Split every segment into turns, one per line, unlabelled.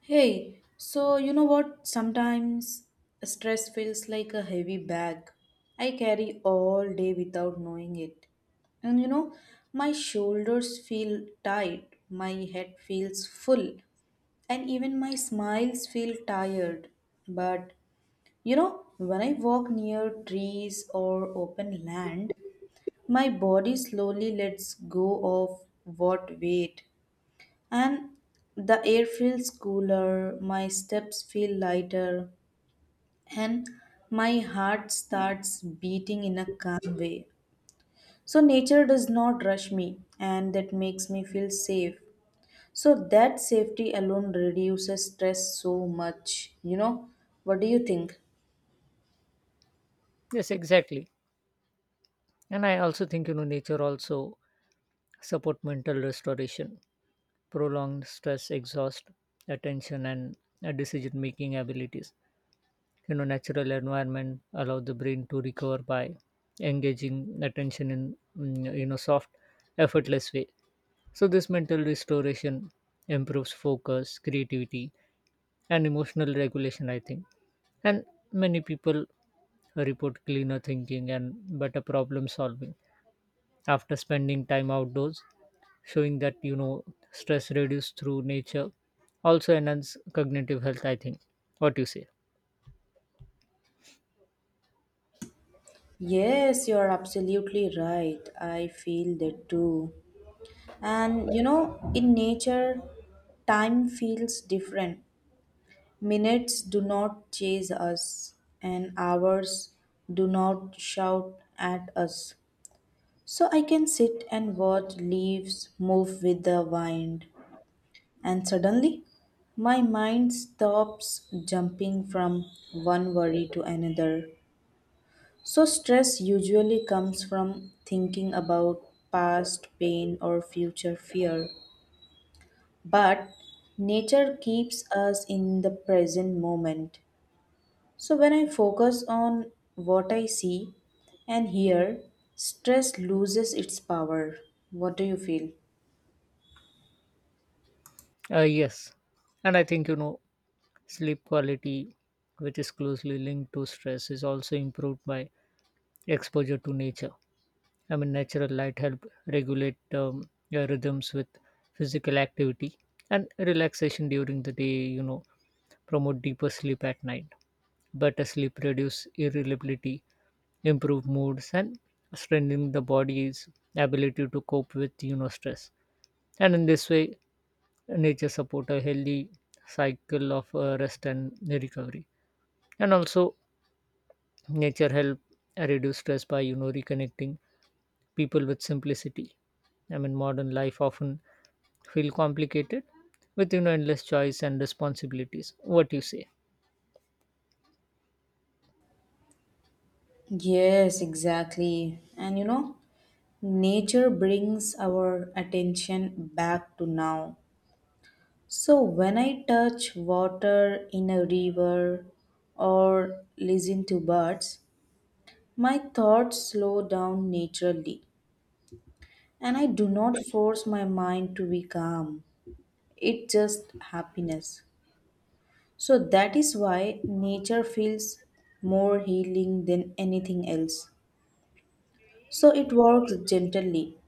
Hey, so you know what? Sometimes stress feels like a heavy bag I carry all day without knowing it. And my shoulders feel tight, my head feels full, and even my smiles feel tired. But when I walk near trees or open land, my body slowly lets go of what weight and the air feels cooler, my steps feel lighter, and my heart starts beating in a calm way. So, nature does not rush me, and that makes me feel safe. So, that safety alone reduces stress so much. What do you think?
Yes, exactly. And I also think you know nature also support mental restoration, prolonged stress, exhaust, attention, and decision making abilities. You know, natural environment allow the brain to recover by engaging attention in you know soft, effortless way. So, this mental restoration improves focus, creativity, and emotional regulation, I think. And many people report cleaner thinking and better problem solving after spending time outdoors, showing that, you know, stress reduced through nature also enhance cognitive health, I think. What do you say?
Yes, you are absolutely right. I feel that too. And in nature, time feels different. Minutes do not chase us, and hours do not shout at us. So I can sit and watch leaves move with the wind, and suddenly my mind stops jumping from one worry to another. So stress usually comes from thinking about past pain or future fear. But nature keeps us in the present moment. So, when I focus on what I see and hear, stress loses its power. What do you feel?
Yes. And I think, you know, sleep quality, which is closely linked to stress, is also improved by exposure to nature. I mean, natural light help regulate your rhythms with physical activity and relaxation during the day. You know, promote deeper sleep at night. Better sleep reduce irritability, improve moods, and strengthening the body's ability to cope with you know stress. And in this way, nature support a healthy cycle of rest and recovery. And also, nature help reduce stress by you know reconnecting people with simplicity. I mean, modern life often feel complicated with you know endless choice and responsibilities. What you say?
Yes, exactly. And nature brings our attention back to now. So, when I touch water in a river or listen to birds, my thoughts slow down naturally. And I do not force my mind to be calm, it's just happiness. So that is why nature feels more healing than anything else. So it works gently,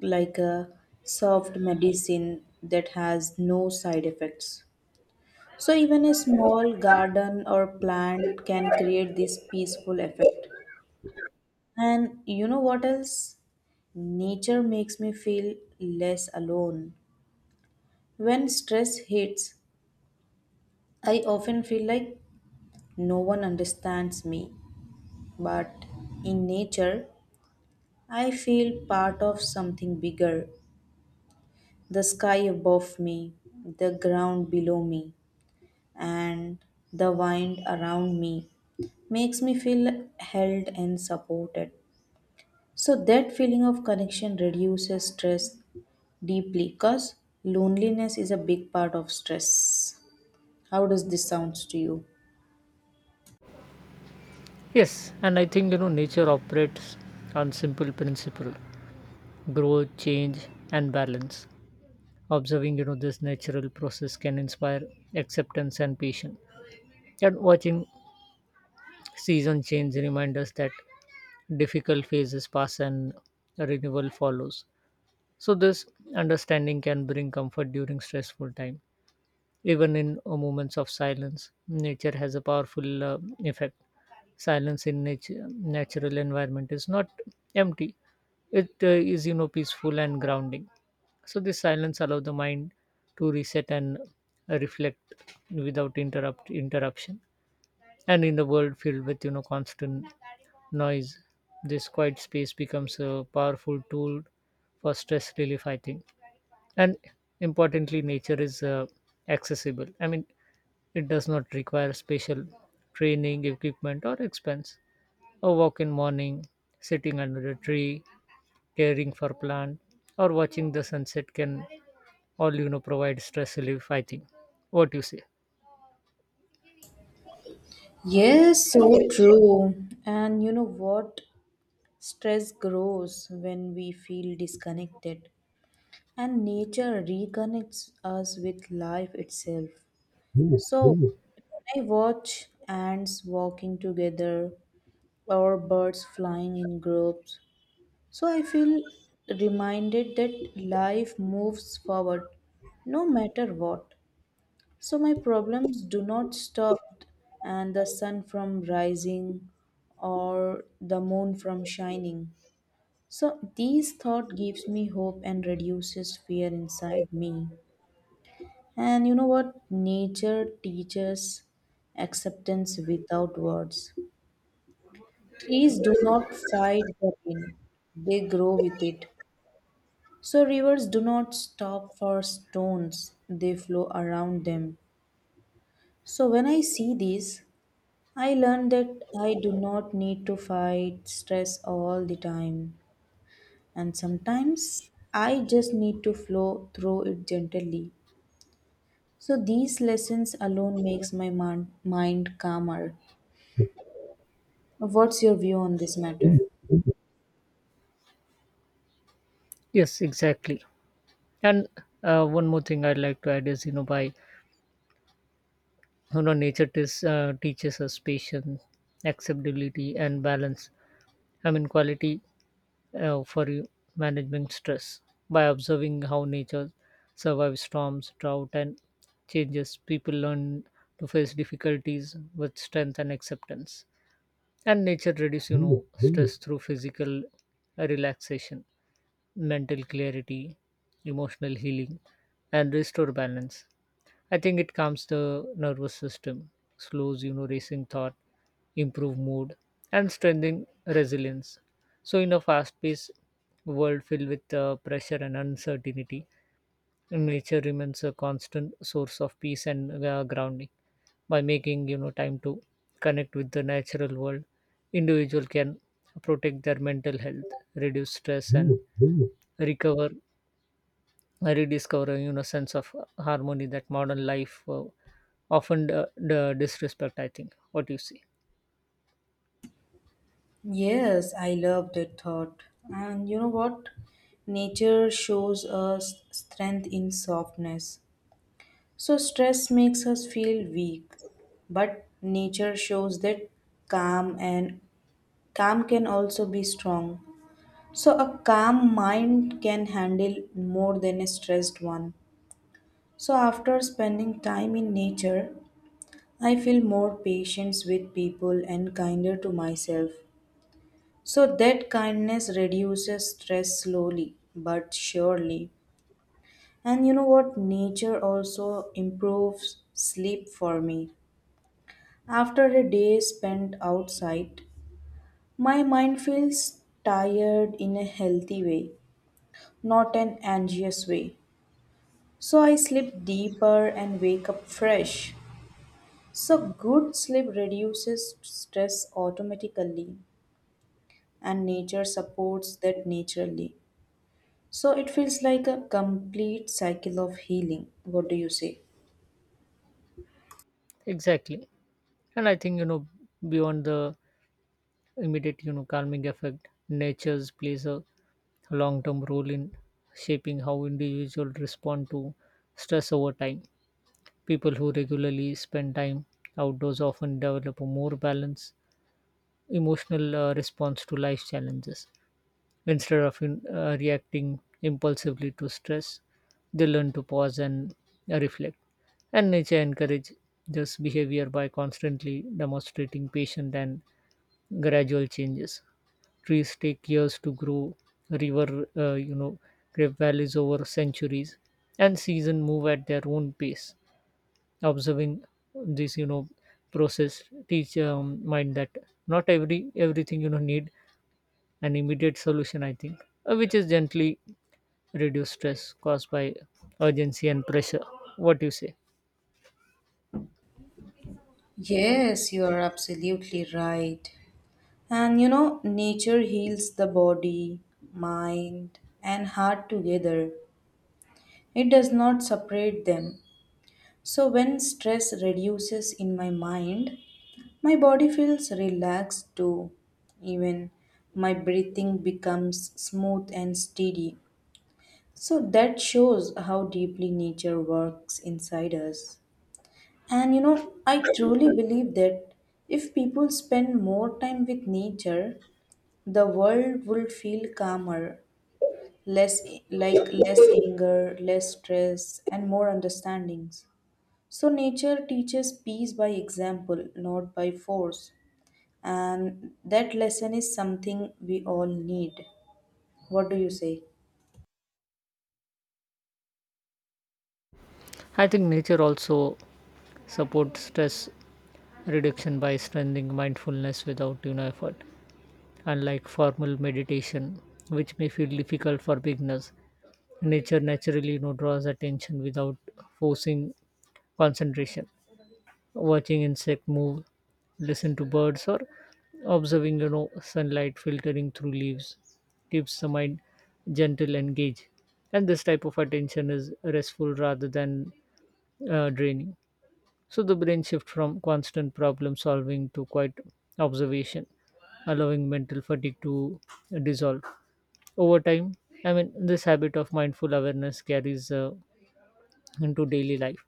like a soft medicine that has no side effects. So even a small garden or plant can create this peaceful effect. And you know what else? Nature makes me feel less alone. When stress hits, I often feel like no one understands me. But in nature, I feel part of something bigger, the sky above me, the ground below me, and the wind around me makes me feel held and supported. So, that feeling of connection reduces stress deeply because loneliness is a big part of stress. How does this sound to you?
Yes, and I think you know nature operates on simple principle: growth, change, and balance. Observing you know this natural process can inspire acceptance and patience. And watching season change remind us that difficult phases pass and renewal follows. So, this understanding can bring comfort during stressful time. Even in moments of silence, nature has a powerful effect. Silence in nature, natural environment is not empty. It is, you know, peaceful and grounding. So, this silence allows the mind to reset and reflect without interruption. And in the world filled with, you know, constant noise, this quiet space becomes a powerful tool for stress relief, I think. And importantly, nature is accessible. I mean, it does not require special training equipment or expense. A walk in morning, sitting under a tree, caring for plant, or watching the sunset can all you know provide stress relief, I think. What you say?
Yes, so true. And you know what? Stress grows when we feel disconnected, and nature reconnects us with life itself. So, when I watch ants walking together or birds flying in groups, so I feel reminded that life moves forward no matter what. So, my problems do not stop, and the sun from rising or the moon from shining. So these thought gives me hope and reduces fear inside me. And you know what? Nature teaches acceptance without words. Trees do not fight the rain, they grow with it. So rivers do not stop for stones, they flow around them. So when I see this, I learn that I do not need to fight stress all the time. And sometimes I just need to flow through it gently. So these lessons alone makes my mind calmer. What's your view on this matter?
Yes, exactly. And one more thing I'd like to add is, you know, by you know, nature teaches us patience, acceptability, and balance. I mean, quality for you managing stress by observing how nature survives storms drought and changes, people learn to face difficulties with strength and acceptance. And nature reduces you know stress through physical relaxation, mental clarity, emotional healing, and restore balance. I think it calms the nervous system, slows you know racing thought, improve mood, and strengthen resilience. So in a fast-paced world filled with pressure and uncertainty, nature remains a constant source of peace and grounding. By making you know time to connect with the natural world, individual can protect their mental health, reduce stress, and recover. I rediscover a you know sense of harmony that modern life often disrespect. I think. What you see?
Yes, I love that thought. And you know what? Nature shows us strength in softness. So stress makes us feel weak, but nature shows that calm and calm can also be strong. So, a calm mind can handle more than a stressed one. So, after spending time in nature, I feel more patience with people and kinder to myself. So, that kindness reduces stress slowly but surely. And you know what? Nature also improves sleep for me. After a day spent outside, my mind feels tired in a healthy way, not an anxious way. So I sleep deeper and wake up fresh. So good sleep reduces stress automatically and nature supports that naturally. So it feels like a complete cycle of healing. What do you say?
Exactly, and I think you know beyond the immediate you know calming effect, nature's plays a long-term role in shaping how individuals respond to stress over time. People who regularly spend time outdoors often develop a more balanced emotional response to life challenges. Instead of reacting impulsively to stress, they learn to pause and reflect. And nature encourages this behavior by constantly demonstrating patient and gradual changes. Trees take years to grow, river, you know, grave valleys over centuries, and season move at their own pace. Observing this, you know, process teach mind that not every everything you know need an immediate solution, I think, which is gently reduce stress caused by urgency and pressure. What do you say?
Yes, you are absolutely right. And nature heals the body, mind, and heart together. It does not separate them. So, when stress reduces in my mind, my body feels relaxed too. Even my breathing becomes smooth and steady. So that shows how deeply nature works inside us. And I truly believe that if people spend more time with nature, the world will feel calmer, less less anger, less stress, and more understandings. So nature teaches peace by example, not by force, and that lesson is something we all need. What do you say?
I think nature also supports stress reduction by strengthening mindfulness without you know effort. Unlike formal meditation, which may feel difficult for beginners, nature naturally you know draws attention without forcing concentration. Watching insect move, listen to birds, or observing you know sunlight filtering through leaves keeps the mind gentle and engaged. And this type of attention is restful rather than draining. So the brain shift from constant problem solving to quiet observation, allowing mental fatigue to dissolve over time. I mean, this habit of mindful awareness carries into daily life,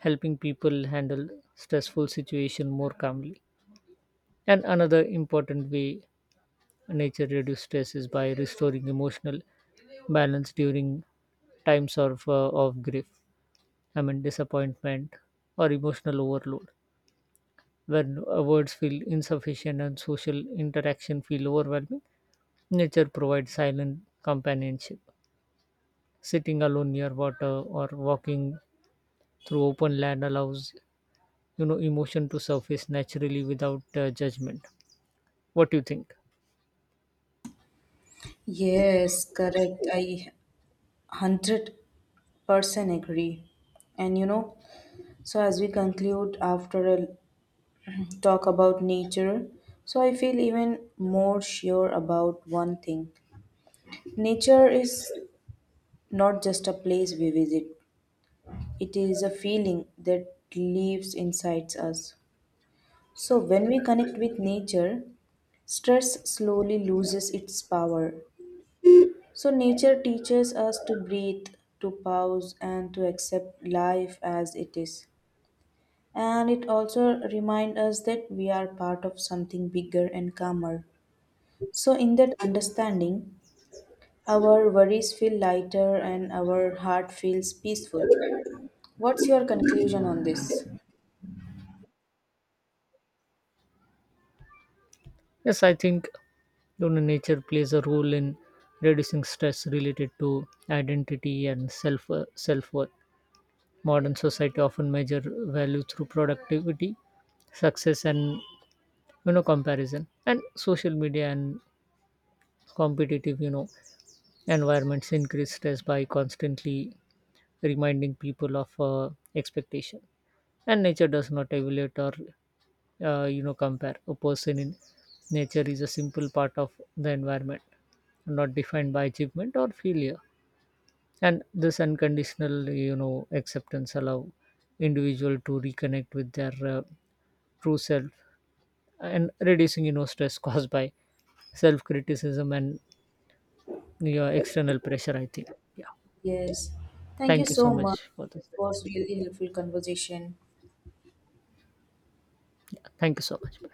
helping people handle stressful situation more calmly. And another important way nature reduces stress is by restoring emotional balance during times of, grief, I mean, disappointment or emotional overload. When words feel insufficient and social interaction feel overwhelming, nature provides silent companionship. Sitting alone near water or walking through open land allows you know emotion to surface naturally without judgment. What do you think?
Yes, correct. I 100% agree. And so as we conclude after a talk about nature, so I feel even more sure about one thing. Nature is not just a place we visit, it is a feeling that lives inside us. So when we connect with nature, stress slowly loses its power. So, nature teaches us to breathe, to pause, and to accept life as it is. And it also reminds us that we are part of something bigger and calmer. So, in that understanding, our worries feel lighter and our heart feels peaceful. What's your conclusion on this?
Yes, I think Lunar nature plays a role in reducing stress related to identity and self worth. Modern society often measure value through productivity, success, and you know comparison. And social media and competitive you know environments increase stress by constantly reminding people of expectation. And nature does not evaluate or you know compare. A person in nature is a simple part of the environment, not defined by achievement or failure. And this unconditional you know acceptance allow individual to reconnect with their true self and reducing you know stress caused by self criticism and you know, external pressure, I think. Yeah,
Yes. Thank you
thank you so
so much.
much for this
It
session.
was really helpful conversation.
Thank you so much. Bye.